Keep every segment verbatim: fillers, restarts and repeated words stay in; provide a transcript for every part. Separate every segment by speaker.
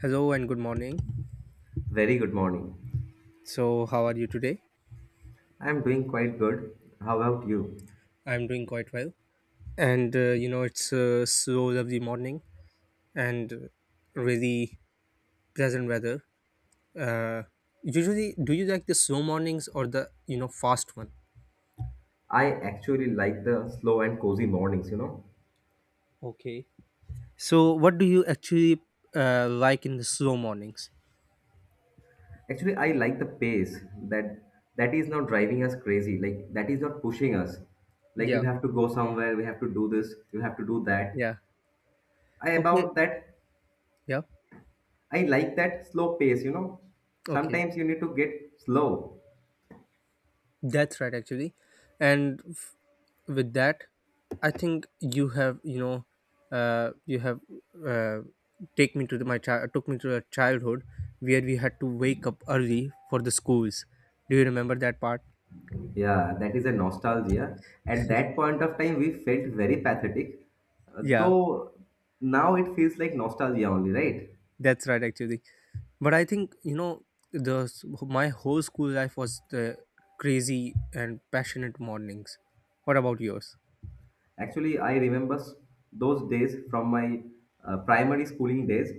Speaker 1: Hello and good morning.
Speaker 2: Very good morning.
Speaker 1: So, how are you today?
Speaker 2: I am doing quite good. How about you?
Speaker 1: I'm doing quite well. And uh, you know, it's a so lovely morning and uh, really pleasant weather. Uh, Usually, do you like the slow mornings or the you know fast one?
Speaker 2: I actually like the slow and cozy mornings, you know.
Speaker 1: Okay. So, what do you actually uh, like in the slow mornings?
Speaker 2: Actually, I like the pace that that is not driving us crazy. Like that is not pushing us. Like
Speaker 1: Yeah.
Speaker 2: you have to go somewhere, we have to do this, you have to do that.
Speaker 1: Yeah.
Speaker 2: I
Speaker 1: Okay.
Speaker 2: about that
Speaker 1: Yeah.
Speaker 2: I like that slow pace, you know.
Speaker 1: Okay.
Speaker 2: Sometimes you need to get slow.
Speaker 1: That's right, actually. And f- with that, I think you have, you know, uh, you have uh, take me to the, my child took me to a childhood where we had to wake up early for the schools. Do you remember that part?
Speaker 2: Yeah, that is a nostalgia. At that point of time, we felt very pathetic, uh,
Speaker 1: Yeah,
Speaker 2: though now it feels like nostalgia only, right?
Speaker 1: that's right, actually. But I think you know the s- my whole school life was the crazy and passionate mornings. What about yours?
Speaker 2: Actually, I remember s- those days from my uh, primary schooling days.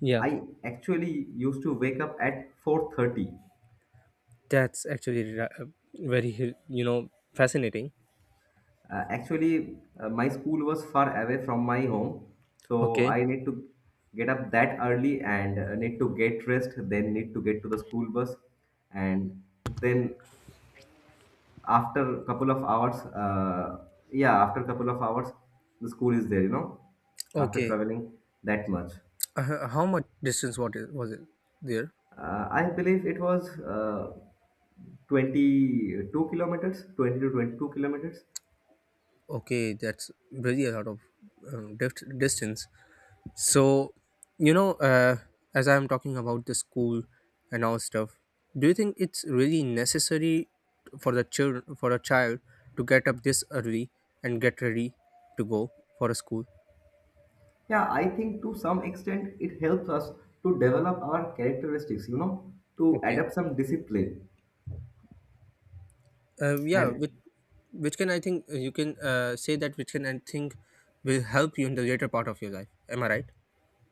Speaker 1: Yeah,
Speaker 2: I actually used to wake up at four thirty.
Speaker 1: that's actually ra- very you know fascinating.
Speaker 2: Uh, actually, uh, my school was far away from my home, so
Speaker 1: Okay.
Speaker 2: I need to get up that early and uh, need to get dressed, then need to get to the school bus, and then after couple of hours, uh, yeah, after couple of hours, the school is there, you know, after
Speaker 1: Okay.
Speaker 2: traveling that much.
Speaker 1: Uh, how much distance what is, was it there?
Speaker 2: Uh, I believe it was uh, 22 kilometers, twenty to twenty-two kilometers.
Speaker 1: Okay, that's really a lot of um, diff- distance. So, you know, uh, as I'm talking about the school and all stuff, do you think it's really necessary for the children for a child to get up this early and get ready to go for a school?
Speaker 2: Yeah, I think to some extent it helps us to develop our characteristics, you know, to
Speaker 1: Okay.
Speaker 2: adapt some discipline.
Speaker 1: Uh, yeah,
Speaker 2: And
Speaker 1: with which can I think uh, you can uh, say that which can I think will help you in the later part of your life. Am I right?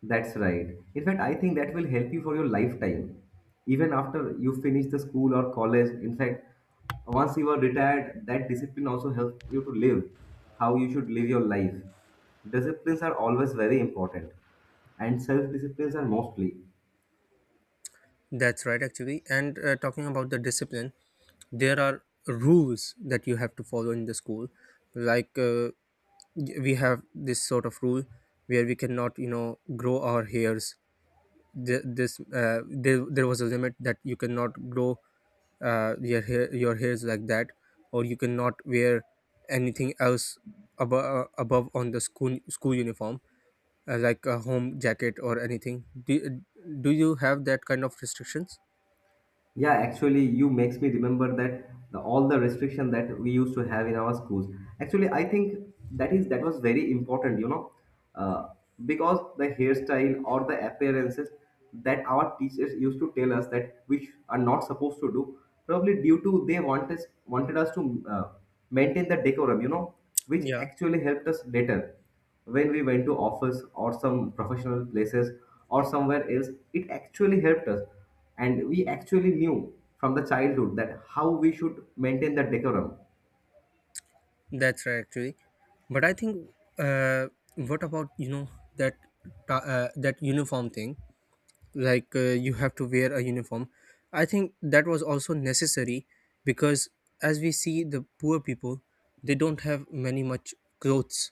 Speaker 2: That's right. In fact, I think that will help you for your lifetime, even after you finish the school or college. In fact, once you are retired, that discipline also helps you to live how you should live your life. Disciplines are always very important, and self disciplines are mostly.
Speaker 1: That's right, actually. And uh, talking about the discipline, there are rules that you have to follow in the school. Like uh, y- we have this sort of rule where we cannot, you know, grow our hairs. Th- This uh, there, there was a limit that you cannot grow uh, your hair, your hairs like that, or you cannot wear anything else above above on the school school uniform, uh, like a home jacket or anything. Do, do you have that kind of restrictions?
Speaker 2: Yeah, actually, you makes me remember that the, all the restriction that we used to have in our schools. Actually, I think that is that was very important, you know, uh, because the hairstyle or the appearances that our teachers used to tell us that which are not supposed to do, probably due to they want us wanted us to uh, maintain the decorum, you know, which
Speaker 1: Yeah.
Speaker 2: actually helped us later when we went to office or some professional places or somewhere else it actually helped us, and we actually knew from the childhood that how we should maintain the decorum.
Speaker 1: That's right, actually. But I think, uh, what about you know that ta- uh, that uniform thing? Like uh, you have to wear a uniform. I think that was also necessary because as we see the poor people, they don't have many much clothes,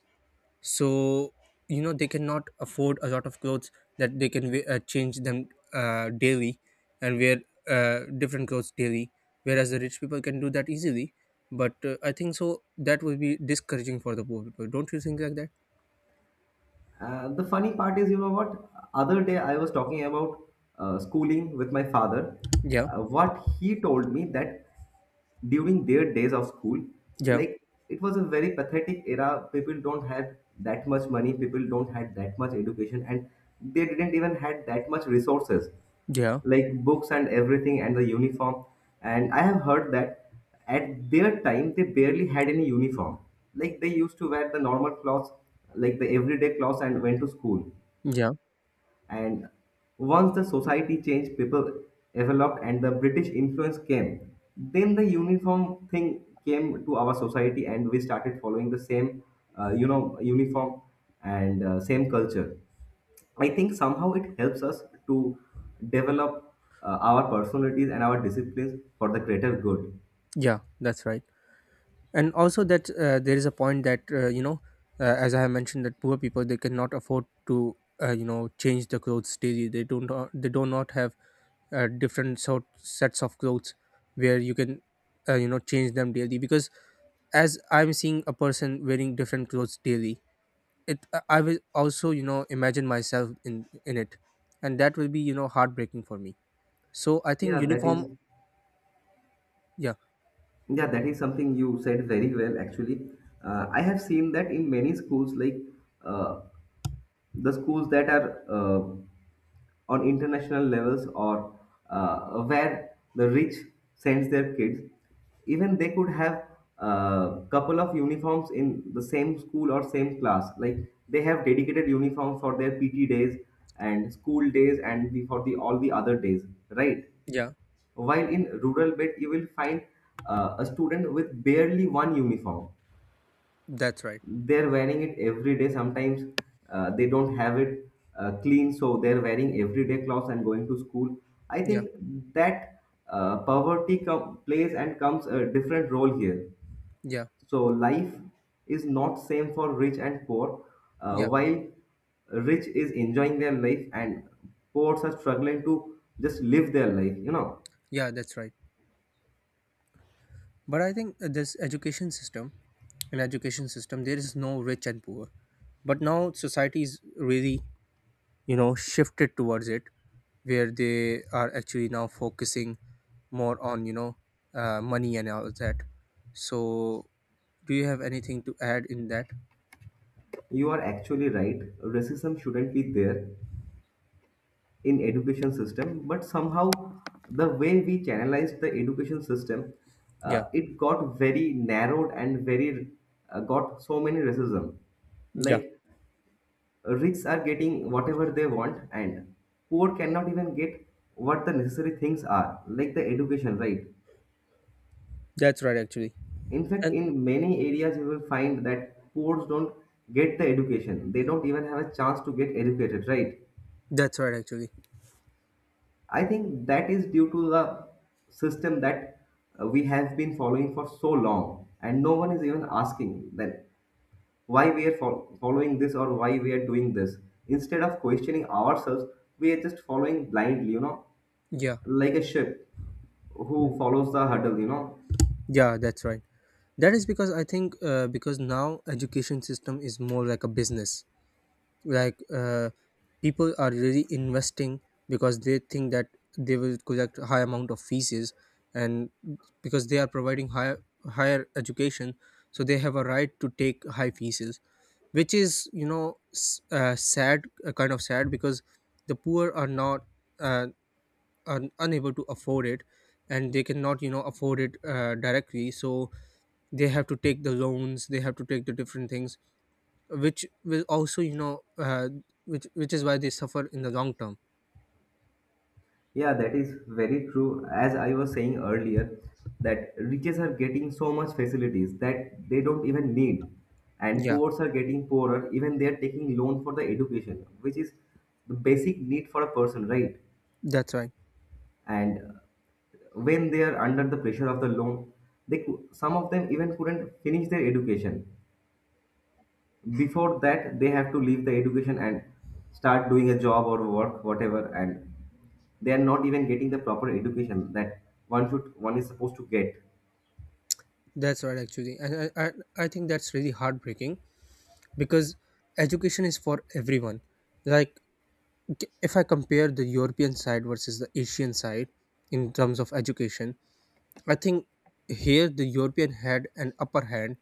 Speaker 1: so you know they cannot afford a lot of clothes that they can we- uh, change them uh, daily and wear uh, different clothes daily, whereas the rich people can do that easily. But uh, I think so that will be discouraging for the poor people. Don't you think like that?
Speaker 2: Uh, the funny part is, you know what? Other day I was talking about uh, schooling with my father.
Speaker 1: Yeah,
Speaker 2: Uh, what he told me that during their days of school,
Speaker 1: yeah,
Speaker 2: like it was a very pathetic era. People don't had that much money. People don't had that much education, and they didn't even had that much resources
Speaker 1: yeah,
Speaker 2: like books and everything, and the uniform. And I have heard that at their time they barely had any uniform, like they used to wear the normal clothes, like the everyday clothes, and went to school.
Speaker 1: yeah,
Speaker 2: And once the society changed, people developed, and the British influence came, then the uniform thing came to our society, and we started following the same uh, you know uniform and uh, same culture. I think somehow it helps us to develop uh, our personalities and our disciplines for the greater good.
Speaker 1: yeah, that's right. And also that, uh, there is a point that, uh, you know uh, as I have mentioned, that poor people, they cannot afford to, uh, you know change the clothes daily. They don't uh, they do not have uh, different sort sets of clothes where you can uh, you know change them daily. Because as I'm seeing a person wearing different clothes daily, it I I will also you know imagine myself in in it, and that will be you know heartbreaking for me. So I think
Speaker 2: Yeah, that
Speaker 1: uniform.
Speaker 2: is
Speaker 1: Yeah,
Speaker 2: yeah, that is something you said very well actually. Uh, I have seen that in many schools, like uh, the schools that are uh, on international levels, or uh, where the rich sends their kids, even they could have a couple of uniforms in the same school or same class, like they have dedicated uniform for their pt days and school days, and the- for the all the other days, right?
Speaker 1: yeah,
Speaker 2: While in rural bit you will find uh, a student with barely one uniform.
Speaker 1: that's right.
Speaker 2: They're wearing it every day. Sometimes uh, they don't have it uh, clean, so they're wearing everyday clothes and going to school. I
Speaker 1: Yeah,
Speaker 2: think that uh, poverty com- plays and comes a different role here.
Speaker 1: yeah,
Speaker 2: So life is not same for rich and poor. uh,
Speaker 1: yeah,
Speaker 2: while rich is enjoying their life and poor are struggling to just live their life you know
Speaker 1: yeah, that's right. But I think, uh, this education system, in education system, there is no rich and poor. But now society is really, you know, shifted towards it, where they are actually now focusing more on, you know, uh, money and all that. So, do you have anything to add in that?
Speaker 2: you are actually right, racism shouldn't be there in education system, but somehow the way we channelized the education system, uh,
Speaker 1: Yeah,
Speaker 2: it got very narrowed and very uh, got so many racism,
Speaker 1: yeah,
Speaker 2: like rich are getting whatever they want and poor cannot even get what the necessary things are, like the education, right?
Speaker 1: that's right, actually.
Speaker 2: In fact,
Speaker 1: And
Speaker 2: in many areas you will find that poor don't get the education, they don't even have a chance to get educated, right?
Speaker 1: that's right, actually.
Speaker 2: I think that is due to the system that uh, we have been following for so long, and no one is even asking that why we are fol- following this or why we are doing this. Instead of questioning ourselves, we are just following blindly, you know,
Speaker 1: Yeah.
Speaker 2: like a ship who
Speaker 1: Mm,
Speaker 2: follows the huddle, you know.
Speaker 1: yeah, that's right. That is because I think uh, because now education system is more like a business. Like uh, people are really investing because they think that they will collect a high amount of fees, and because they are providing higher higher education, so they have a right to take high fees, which is you know s- uh, sad, uh, kind of sad, because the poor are not uh, are unable to afford it and they cannot you know afford it uh, directly. So they have to take the loans, they have to take the different things, which will also, you know uh, which which is why they suffer in the long term.
Speaker 2: Yeah, that is very true. As I was saying earlier, that riches are getting so much facilities that they don't even need, and
Speaker 1: Yeah,
Speaker 2: poors are getting poorer. Even they are taking loan for the education, which is the basic need for a person, right?
Speaker 1: that's right.
Speaker 2: And uh, when they are under the pressure of the loan, they cou- some of them even couldn't finish their education, before that they have to leave the education and start doing a job or work whatever, and they are not even getting the proper education that one should one is supposed to get.
Speaker 1: That's right, actually. And I, I i think that's really heartbreaking because education is for everyone. Like, k- if I compare the European side versus the Asian side in terms of education, I think here the European had an upper hand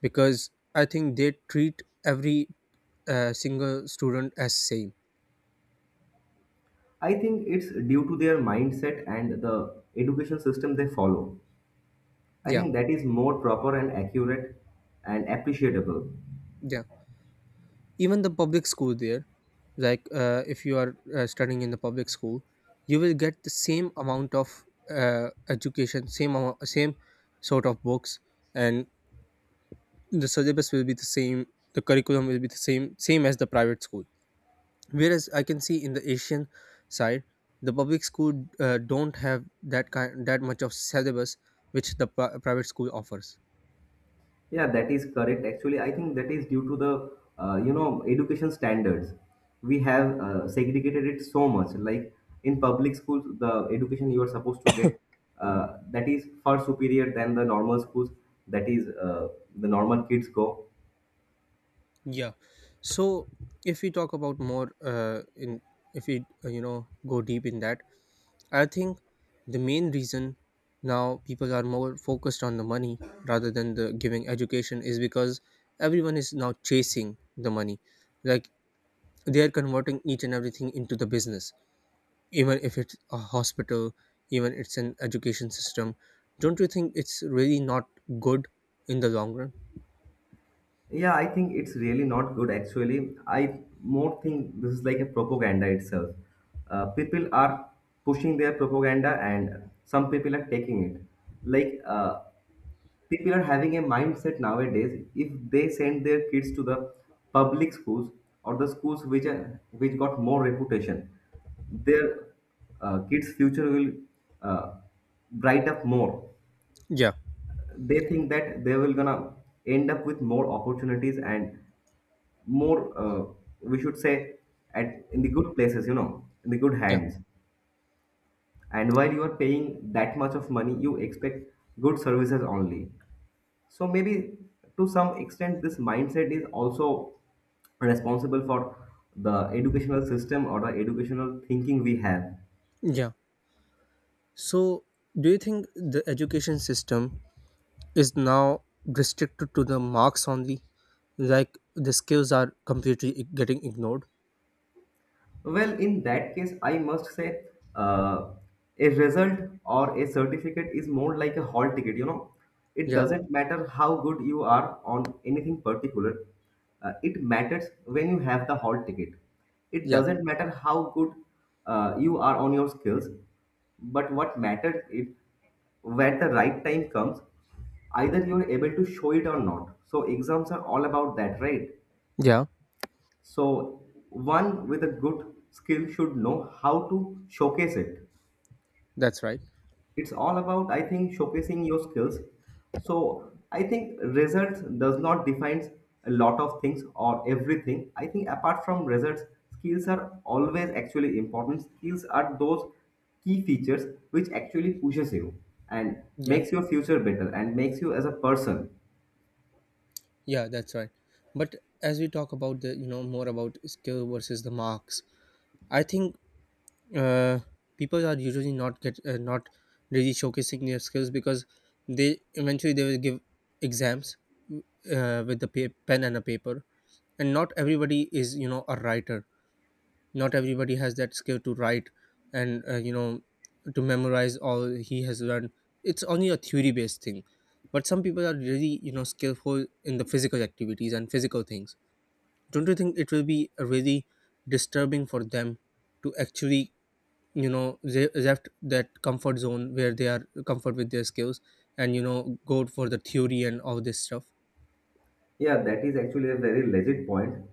Speaker 1: because I think they treat every uh, single student as same.
Speaker 2: I think it's due to their mindset and the education system they follow. I
Speaker 1: Yeah,
Speaker 2: think that is more proper and accurate and appreciable.
Speaker 1: yeah. Even the public school there, like, uh, if you are uh, studying in the public school, you will get the same amount of uh, education, same amou- same sort of books, and the syllabus will be the same, the curriculum will be the same same as the private school. Whereas I can see in the Asian side, the public school uh, don't have that kind that much of syllabus which the pri- private school offers.
Speaker 2: Yeah, that is correct. Actually, I think that is due to the uh, you know education standards. We have uh, segregated it so much. Like in public schools, the education you are supposed to get, uh, that is far superior than the normal schools. That is uh, the normal kids go.
Speaker 1: Yeah. So if we talk about more, uh, in if we, uh, you know go deep in that, I think the main reason now people are more focused on the money rather than the giving education is because everyone is now chasing the money. Like they are converting each and everything into the business. Even if it's a hospital, even it's an education system. Don't you think it's really not good in the long run?
Speaker 2: Yeah, I think it's really not good. Actually, I more think this is like a propaganda itself. Uh, people are pushing their propaganda, and some people are taking it. Like. Uh, people are having a mindset nowadays if they send their kids to the public schools or the schools which are which got more reputation, their uh, kids future will uh, bright up more.
Speaker 1: Yeah,
Speaker 2: They think that they will gonna end up with more opportunities and more, uh, we should say, at in the good places you know in the good
Speaker 1: yeah,
Speaker 2: hands. And while you are paying that much of money, you expect good services only. So maybe to some extent, this mindset is also responsible for the educational system or the educational thinking we have.
Speaker 1: yeah. So do you think the education system is now restricted to the marks only, like the skills are completely ig- getting ignored?
Speaker 2: Well, in that case, I must say uh, a result or a certificate is more like a hall ticket, you know. It
Speaker 1: Yeah,
Speaker 2: doesn't matter how good you are on anything particular. Uh, it matters when you have the hall ticket. It
Speaker 1: yeah,
Speaker 2: doesn't matter how good uh, you are on your skills, but what matters is when the right time comes, either you're able to show it or not. So exams are all about that, right?
Speaker 1: yeah,
Speaker 2: So, one with a good skill should know how to showcase it.
Speaker 1: that's right.
Speaker 2: It's all about, I think, showcasing your skills. So, I think results does not defines a lot of things or everything. I think apart from results, skills are always actually important. Skills are those key features which actually pushes you and
Speaker 1: Yeah,
Speaker 2: makes your future better and makes you as a person.
Speaker 1: yeah, that's right. But as we talk about the, you know more about skill versus the marks, I think, uh, people are usually not get uh, not really showcasing their skills because they, eventually they will give exams uh, with the pa- pen and a paper, and not everybody is you know a writer, not everybody has that skill to write. And uh, you know to memorize all he has learned, it's only a theory based thing. But some people are really you know skillful in the physical activities and physical things. Don't you think it will be really disturbing for them to actually, you know they left that comfort zone where they are comfort with their skills, and you know go for the theory and all this stuff?
Speaker 2: Yeah, that is actually a very legit point.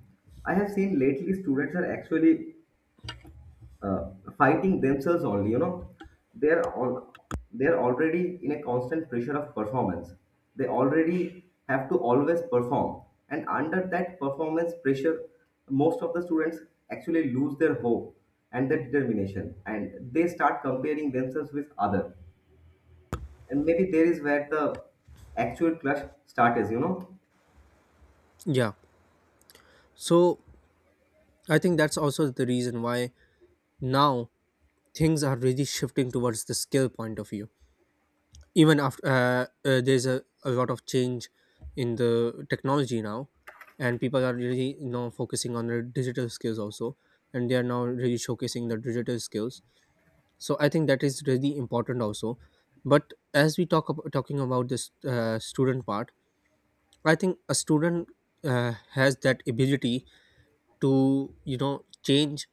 Speaker 2: I have seen lately students are actually uh, fighting themselves only, you know, they're all they're already in a constant pressure of performance. They already have to always perform, and under that performance pressure most of the students actually lose their hope and their determination, and they start comparing themselves with other, and maybe there is where the actual clash starts you know
Speaker 1: Yeah. So I think that's also the reason why now things are really shifting towards the skill point of view. Even after uh, uh, there's a, a lot of change in the technology now, and people are really now focusing on their digital skills also, and they are now really showcasing their digital skills, so I think that is really important also. But as we talk about talking about this uh, student part, I think a student uh, has that ability to you know change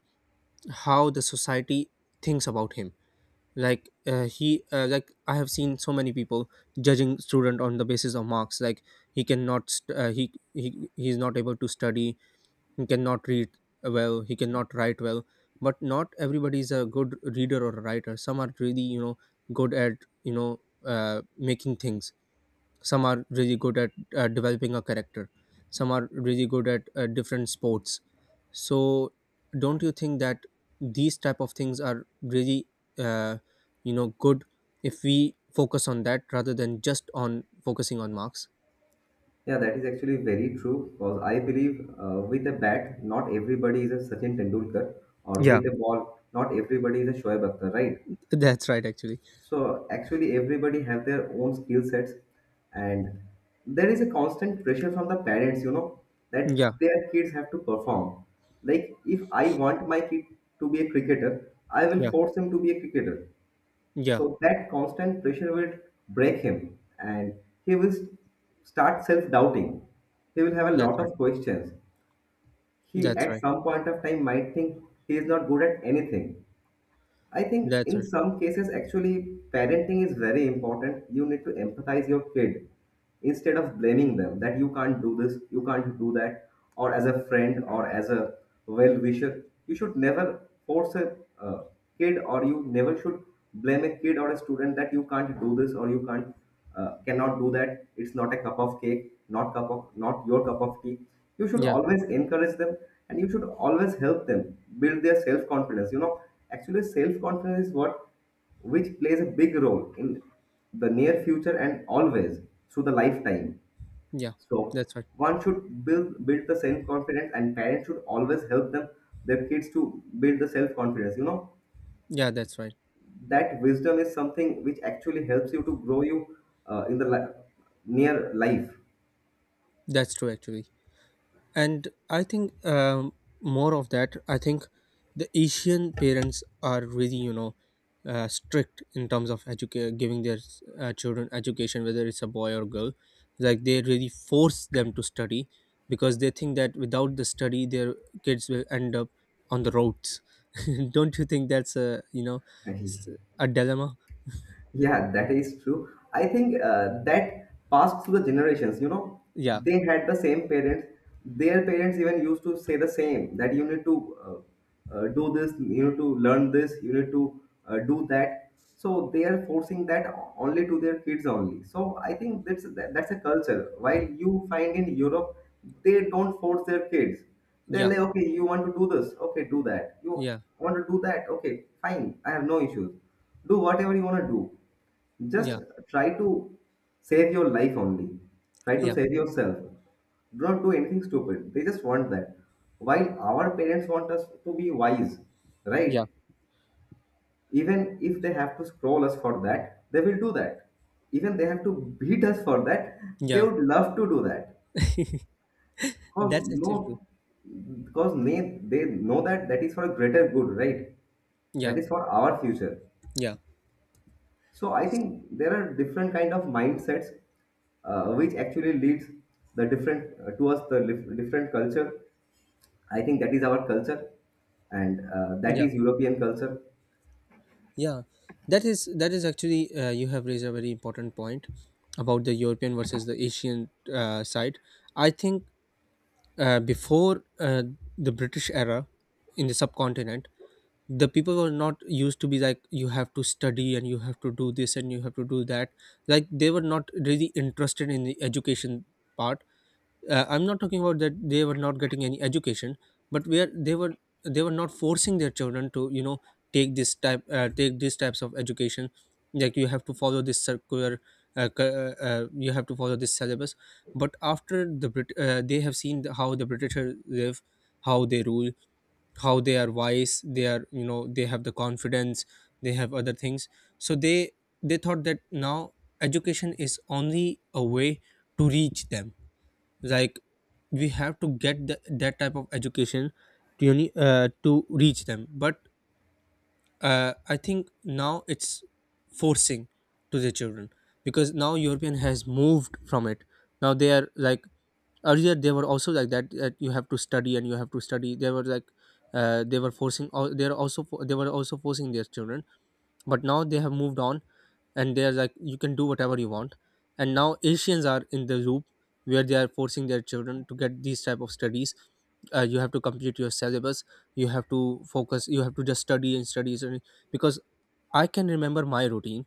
Speaker 1: how the society thinks about him. Like, uh, he uh, like I have seen so many people judging student on the basis of marks. Like, he cannot st- uh, he, he he is not able to study, he cannot read well, he cannot write well. But not everybody is a good reader or a writer. Some are really you know good at, you know uh, making things. Some are really good at uh, developing a character. Some are really good at uh, different sports. So don't you think that these type of things are really, uh, you know good, if we focus on that rather than just on focusing on marks?
Speaker 2: Yeah, that is actually very true because I believe uh, with a bat, not everybody is a Sachin Tendulkar, or
Speaker 1: Yeah.
Speaker 2: with a ball, not everybody is a Shoaib Akhtar, right?
Speaker 1: That's right, actually.
Speaker 2: So actually, everybody have their own skill sets, and there is a constant pressure from the parents, you know,
Speaker 1: Yeah,
Speaker 2: that their kids have to perform. Like if I want my kid to be a cricketer, I will
Speaker 1: yeah,
Speaker 2: force him to be a cricketer.
Speaker 1: yeah,
Speaker 2: So that constant pressure will break him, and he will s- start self doubting. He will have a
Speaker 1: that's
Speaker 2: lot
Speaker 1: right.
Speaker 2: of questions. He,
Speaker 1: That's
Speaker 2: at
Speaker 1: right.
Speaker 2: some point of time, might think he is not good at anything. I think
Speaker 1: That's
Speaker 2: in
Speaker 1: right.
Speaker 2: some cases, actually, parenting is very important. You need to empathize your kid instead of blaming them that you can't do this, you can't do that, or as a friend or as a well wisher. You should never force a uh, kid, or you never should blame a kid or a student that you can't do this or you can't uh, cannot do that. It's not a cup of cake, not cup of, not your cup of tea. You should
Speaker 1: Yeah,
Speaker 2: always encourage them, and you should always help them build their self confidence. You know actually, self confidence is what which plays a big role in the near future and always through the lifetime.
Speaker 1: yeah,
Speaker 2: So
Speaker 1: that's right.
Speaker 2: one should build build the self confidence, and parents should always help them, their kids, to build the self confidence. You know
Speaker 1: Yeah, that's right.
Speaker 2: that wisdom is something which actually helps you to grow you uh, in the li- near life.
Speaker 1: That's true, actually. And I think, um, more of that, I think the Asian parents are really, you know uh, strict in terms of educa- giving their uh, children education, whether it's a boy or girl. Like, they really force them to study because they think that without the study their kids will end up on the roads. Don't you think that's a, you know s- a dilemma?
Speaker 2: Yeah, that is true. I think uh, that passed through the generations. You know,
Speaker 1: Yeah,
Speaker 2: they had the same parents. Their parents even used to say the same that you need to uh, uh, do this, you need to learn this, you need to uh, do that. So they are forcing that only to their kids only. So I think that's that, that's a culture. While you find in Europe, they don't force their kids. They're
Speaker 1: yeah,
Speaker 2: like, okay, you want to do this, okay, do that. You
Speaker 1: yeah,
Speaker 2: want to do that, okay, fine. I have no issues, do whatever you want to do. Just
Speaker 1: yeah,
Speaker 2: try to save your life only, try to
Speaker 1: yeah,
Speaker 2: save yourself. Do not do anything stupid, they just want that. While our parents want us to be wise,
Speaker 1: yeah,
Speaker 2: right? Even if they have to scroll us for that, they will do that. Even they have to beat us for that, they
Speaker 1: yeah,
Speaker 2: would love to do that. Because
Speaker 1: that's actually true.
Speaker 2: no, because they, they know that that is for a greater good, right?
Speaker 1: Yeah,
Speaker 2: That is for our future.
Speaker 1: yeah,
Speaker 2: So I think there are different kind of mindsets uh, which actually leads the different uh, towards the lif- different culture. I think that is our culture, and uh, that
Speaker 1: yeah.
Speaker 2: is European culture.
Speaker 1: Yeah, that is that is actually, uh, you have raised a very important point about the European versus the Asian uh, side. I think, uh, before, uh, the British era in the subcontinent, the people were not used to be like you have to study and you have to do this and you have to do that. Like they were not really interested in the education part. uh, I'm not talking about that they were not getting any education, but where they were they were not forcing their children to you know take this type, uh, take these types of education. Like, you have to follow this circular, uh, cu- uh, uh, you have to follow this syllabus. But after the Brit- uh, they have seen the- how the Britishers live, how they rule, how they are wise they are, you know they have the confidence, they have other things. So they they thought that now education is only a way to reach them. Like, we have to get the, that type of education to uni- uh, to reach them. But uh, I think now it's forcing to the children, because now European has moved from it. Now they are like, earlier they were also like that, that you have to study and you have to study. They were like, uh, they were forcing, or they are also fo- they were also forcing their children, but now they have moved on and they're like, you can do whatever you want. And now Asians are in the loop, where they are forcing their children to get these type of studies. Uh, you have to complete your syllabus, you have to focus, you have to just study and study and study. Because I can remember my routine,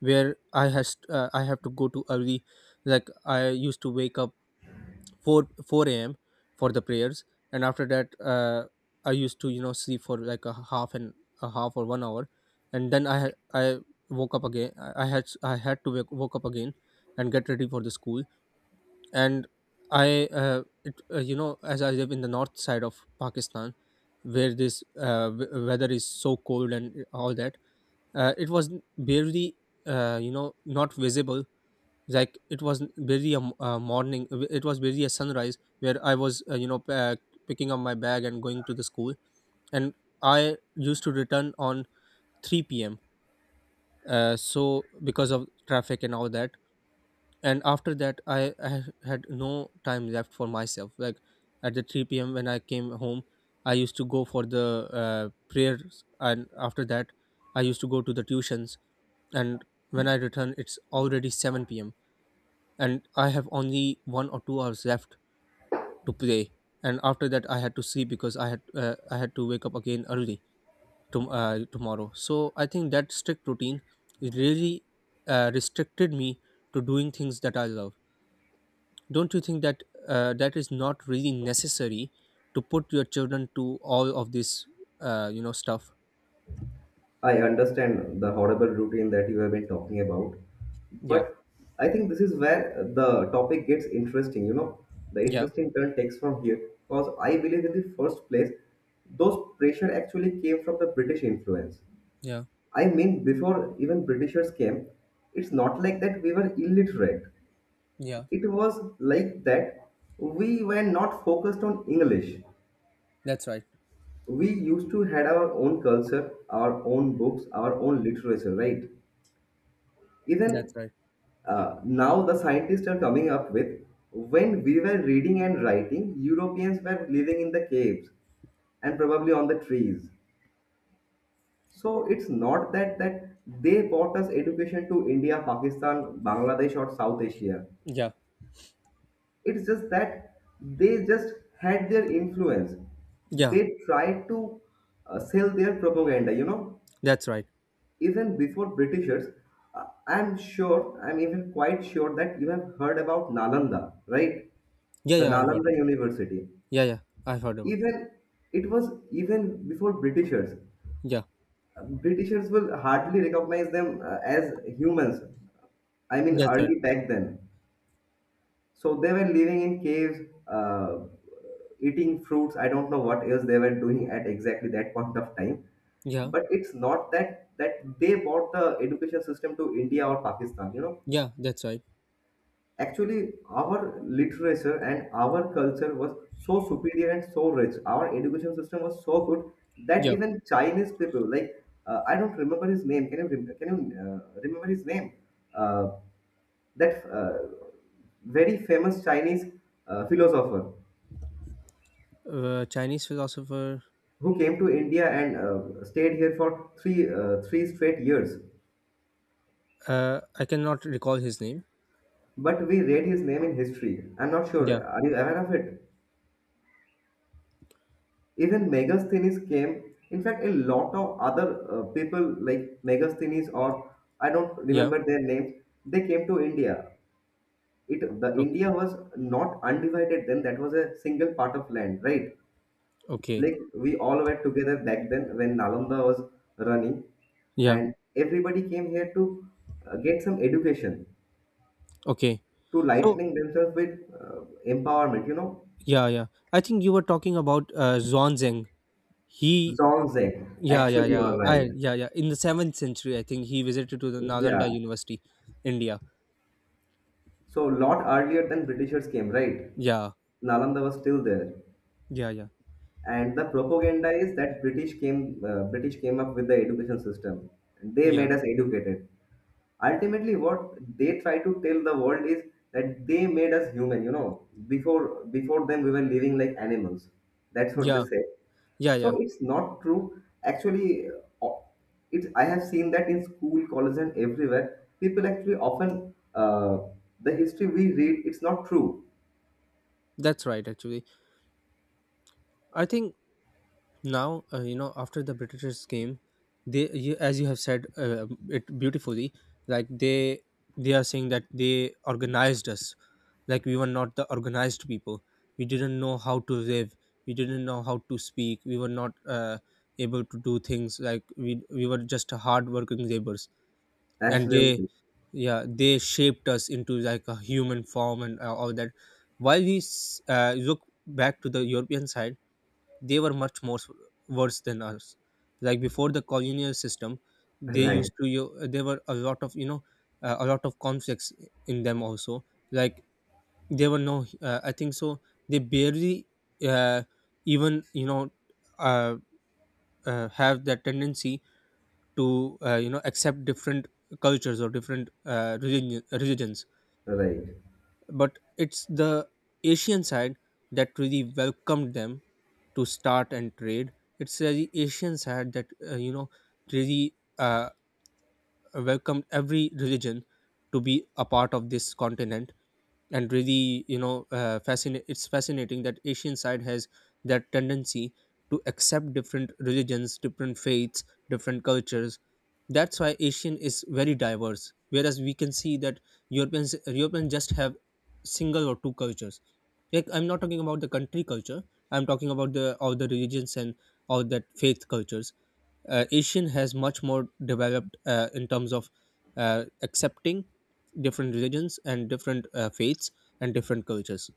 Speaker 1: where i has uh, I have to go to early. Like, I used to wake up four four a m for the prayers, and after that, uh, I used to, you know sleep for like a half and a half or one hour. And then i ha- i woke up again i I had i had to wake, woke up again, and get ready for the school. And I, uh, it, uh, you know as I live in the north side of Pakistan, where this, uh, w- weather is so cold and all that. Uh, it was barely, uh, you know not visible. Like, it was very a m- uh, morning. It was very a sunrise, where I was, uh, you know pack, picking up my bag and going to the school. And I used to return on three p m, uh, so because of traffic and all that. And after that, I, I had no time left for myself. Like, at the three p m when I came home, I used to go for the uh, prayers, and after that, I used to go to the tuitions. And when I return, it's already seven p m, and I have only one or two hours left to play. And after that, I had to sleep because I had uh, I had to wake up again early to, uh, tomorrow. So I think that strict routine, it really, uh, restricted me to doing things that I love. Don't you think that uh, that is not really necessary to put your children to all of this, uh, you know, stuff?
Speaker 2: I understand the horrible routine that you have been talking about,
Speaker 1: Yeah,
Speaker 2: but I think this is where the topic gets interesting. You know, the
Speaker 1: yeah,
Speaker 2: interesting turn takes from here because I believe in the first place those pressure actually came from the British influence.
Speaker 1: yeah,
Speaker 2: I mean, before even Britishers came, it's not like that we were illiterate.
Speaker 1: yeah.
Speaker 2: It was like that we were not focused on English.
Speaker 1: That's right.
Speaker 2: We used to had our own culture, our own books, our own literature, right?
Speaker 1: That's
Speaker 2: Even
Speaker 1: right.
Speaker 2: uh, now the scientists are coming up with, when we were reading and writing, Europeans were living in the caves and probably on the trees. So it's not that that they brought us education to India, Pakistan, Bangladesh, or South Asia.
Speaker 1: Yeah,
Speaker 2: It's just that they just had their influence.
Speaker 1: yeah.
Speaker 2: They tried to uh, sell their propaganda. You know,
Speaker 1: That's right.
Speaker 2: even before Britishers, uh, I'm sure, I'm even quite sure that you have heard about Nalanda, right?
Speaker 1: Yeah,
Speaker 2: The
Speaker 1: yeah. I have heard. Of.
Speaker 2: Nalanda University.
Speaker 1: Yeah, yeah. I've heard about.
Speaker 2: Even it was even before Britishers.
Speaker 1: Yeah,
Speaker 2: Um, Britishers will hardly recognize them uh, as humans. I mean,
Speaker 1: that's right.
Speaker 2: early back then. So they were living in caves, uh, eating fruits. I don't know what else they were doing at exactly that point of time.
Speaker 1: Yeah,
Speaker 2: But it's not that that they brought the education system to India or Pakistan. You know,
Speaker 1: yeah, that's right.
Speaker 2: actually, our literature and our culture was so superior and so rich. Our education system was so good that
Speaker 1: Yeah,
Speaker 2: even Chinese people, like uh, I don't remember his name. Can you rem- can you uh, remember his name? Uh, that uh, very famous Chinese uh, philosopher
Speaker 1: uh, Chinese philosopher.
Speaker 2: who came to India and uh, stayed here for three uh, three straight years.
Speaker 1: Uh, I cannot recall his name.
Speaker 2: But we read his name in history. I'm not
Speaker 1: Yeah,
Speaker 2: sure. Are you aware of it? Even Megasthenes came. In fact, a lot of other uh, people like Megasthenes, or I don't
Speaker 1: yeah.
Speaker 2: remember their names. They came to India. It the
Speaker 1: Okay,
Speaker 2: India was not undivided then. That was a single part of land, right?
Speaker 1: okay.
Speaker 2: Like we all were together back then when Nalanda was running,
Speaker 1: Yeah,
Speaker 2: and everybody came here to uh, get some education,
Speaker 1: okay.
Speaker 2: to
Speaker 1: So
Speaker 2: lightening themselves with uh, empowerment. You know,
Speaker 1: yeah, yeah. I think you were talking about uh, Zhuangzeng. He,
Speaker 2: Zolzek.
Speaker 1: yeah, yeah,
Speaker 2: Actually, you
Speaker 1: yeah.
Speaker 2: are right.
Speaker 1: I, yeah, yeah. In the seventh century, I think he visited to the
Speaker 2: Yeah.
Speaker 1: Nalanda University, India.
Speaker 2: So lot earlier than Britishers came, right?
Speaker 1: Yeah,
Speaker 2: Nalanda was still there,
Speaker 1: yeah, yeah,
Speaker 2: and the propaganda is that British came, uh, British came up with the education system. They
Speaker 1: yeah,
Speaker 2: made us educated. Ultimately what they try to tell the world is that they made us human. You know, before before them we were living like animals. That's what they
Speaker 1: yeah,
Speaker 2: say.
Speaker 1: yeah, yeah.
Speaker 2: So it's not true actually. uh, it's, I have seen that in school, college and everywhere, people actually often, uh, the history we read, it's not true.
Speaker 1: That's right. Actually, I think now, uh, you know after the Britishers came, they, you, as you have said, uh, it beautifully. Like, they they are saying that they organized us, like we were not the organized people. We didn't know how to live, we didn't know how to speak, we were not, uh, able to do things. Like, we we were just hard working laborers. And they,
Speaker 2: Absolutely.
Speaker 1: yeah, they shaped us into like a human form and, uh, all that. While we s- uh, look back to the European side, they were much more s- worse than us. Like, before the colonial system, they
Speaker 2: Right.
Speaker 1: used to you, there were a lot of, you know uh, a lot of conflicts in them also. Like, there were no, uh, I think so, they barely, uh, even, you know uh, uh, have that tendency to, uh, you know accept different cultures or different, uh, religion, religions.
Speaker 2: Right.
Speaker 1: But it's the Asian side that really welcomed them to start and trade. It's, uh, the Asians had that, uh, you know really, uh, welcomed every religion to be a part of this continent. And really, you know uh, fascinating, it's fascinating that Asian side has that tendency to accept different religions, different faiths, different cultures. That's why Asian is very diverse, whereas we can see that europeans europeans just have single or two cultures. Like, I'm not talking about the country culture, I'm talking about the all the religions and all that faith cultures. Uh, asian has much more developed, uh, in terms of, uh, accepting different religions and different, uh, faiths, and different cultures.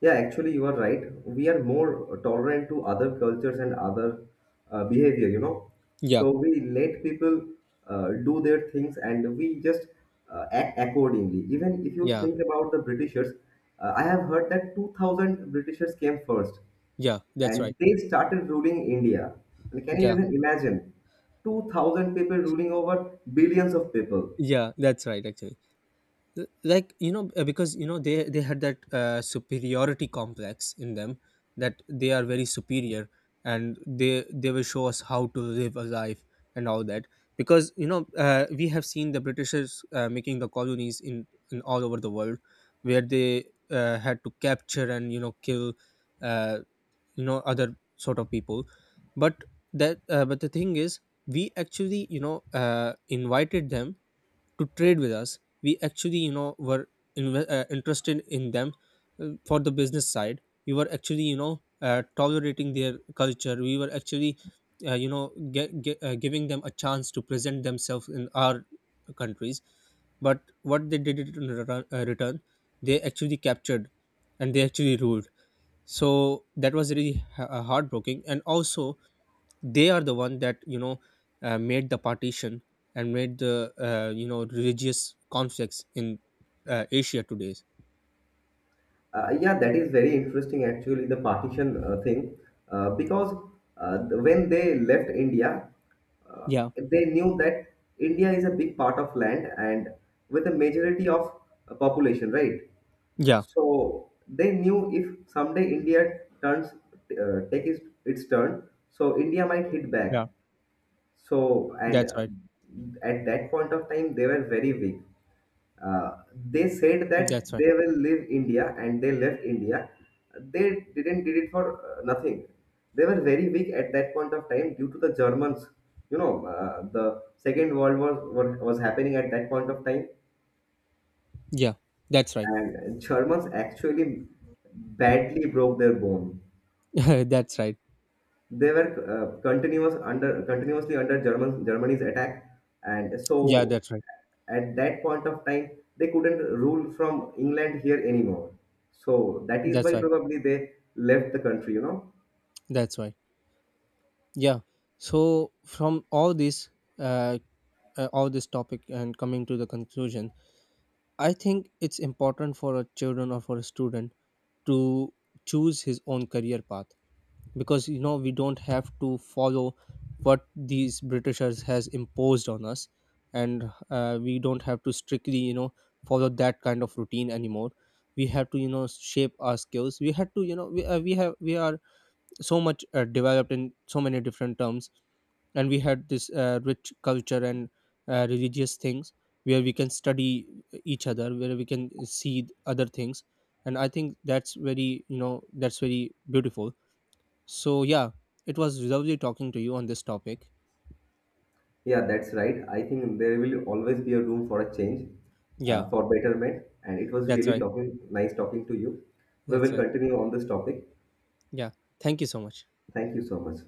Speaker 2: Yeah, actually, you are right. We are more tolerant to other cultures and other uh, behavior, you know.
Speaker 1: Yeah.
Speaker 2: So we let people uh, do their things and we just uh, act accordingly. Even if you
Speaker 1: Yeah,
Speaker 2: think about the Britishers, uh, I have heard that two thousand Britishers came first
Speaker 1: yeah, that's right.
Speaker 2: and they started ruling India. And can you
Speaker 1: Yeah,
Speaker 2: even imagine? two thousand people ruling over billions of people.
Speaker 1: yeah, that's right. Actually, L- like, you know uh, because you know they they had that, uh, superiority complex in them, that they are very superior, and they they will show us how to live a life and all that. Because you know uh, we have seen the Britishers, uh, making the colonies in in all over the world, where they, uh, had to capture and you know kill, uh, you know other sort of people. But that uh, but the thing is, we actually, you know uh, invited them to trade with us. We actually, you know were inve- uh, interested in them, uh, for the business side. We were actually, you know uh, tolerating their culture. We were actually, uh, you know ge- ge- uh, giving them a chance to present themselves in our countries. But what they did in return, uh, return they actually captured and they actually ruled. So that was really ha- uh, heartbreaking, and also they are the one that you know uh, made the partition and made the, uh, you know religious conflicts in, uh, Asia today.
Speaker 2: Uh, yeah, that is very interesting, actually, the partition uh, thing, uh, because uh, the- when they left India, uh,
Speaker 1: Yeah,
Speaker 2: they knew that India is a big part of land and with a majority of uh, population, right?
Speaker 1: yeah,
Speaker 2: So they knew if someday India turns uh, take its, its turn, so India might hit
Speaker 1: yeah,
Speaker 2: back. So and
Speaker 1: that's
Speaker 2: uh,
Speaker 1: right.
Speaker 2: at that point of time, they were very weak, uh, they said that
Speaker 1: That's right.
Speaker 2: they will leave India, and they left India. They didn't did it for uh, nothing. They were very weak at that point of time due to the Germans. You know, uh, the Second World War were, was happening at that point of time,
Speaker 1: Yeah, that's right.
Speaker 2: and Germans actually badly broke their bone.
Speaker 1: That's right.
Speaker 2: They were uh, continuous under continuously under German Germany's attack, and
Speaker 1: Yeah,
Speaker 2: so
Speaker 1: that's right.
Speaker 2: at that point of time they couldn't rule from England here anymore. So that is
Speaker 1: That's
Speaker 2: why
Speaker 1: right.
Speaker 2: probably they left the country, you know.
Speaker 1: That's right. Yeah. So from all this, uh, uh, all this topic and coming to the conclusion, I think it's important for a children or for a student to choose his own career path. Because you know we don't have to follow what these Britishers has imposed on us. And, uh, we don't have to strictly, you know follow that kind of routine anymore. We have to, you know shape our skills. We had to, you know we, uh, we have, we are so much, uh, developed in so many different terms. And we had this, uh, rich culture and, uh, religious things, where we can study each other, where we can see other things. And I think that's very, you know that's very beautiful. So yeah, it was lovely talking to you on this topic.
Speaker 2: Yeah, that's right. I think there will always be a room for a change, uh,
Speaker 1: Yeah,
Speaker 2: for betterment, and it was
Speaker 1: that's
Speaker 2: really
Speaker 1: right.
Speaker 2: talking, nice talking to you. We
Speaker 1: That's
Speaker 2: will
Speaker 1: right.
Speaker 2: continue on this topic.
Speaker 1: Yeah. Thank you so much.
Speaker 2: Thank you so much.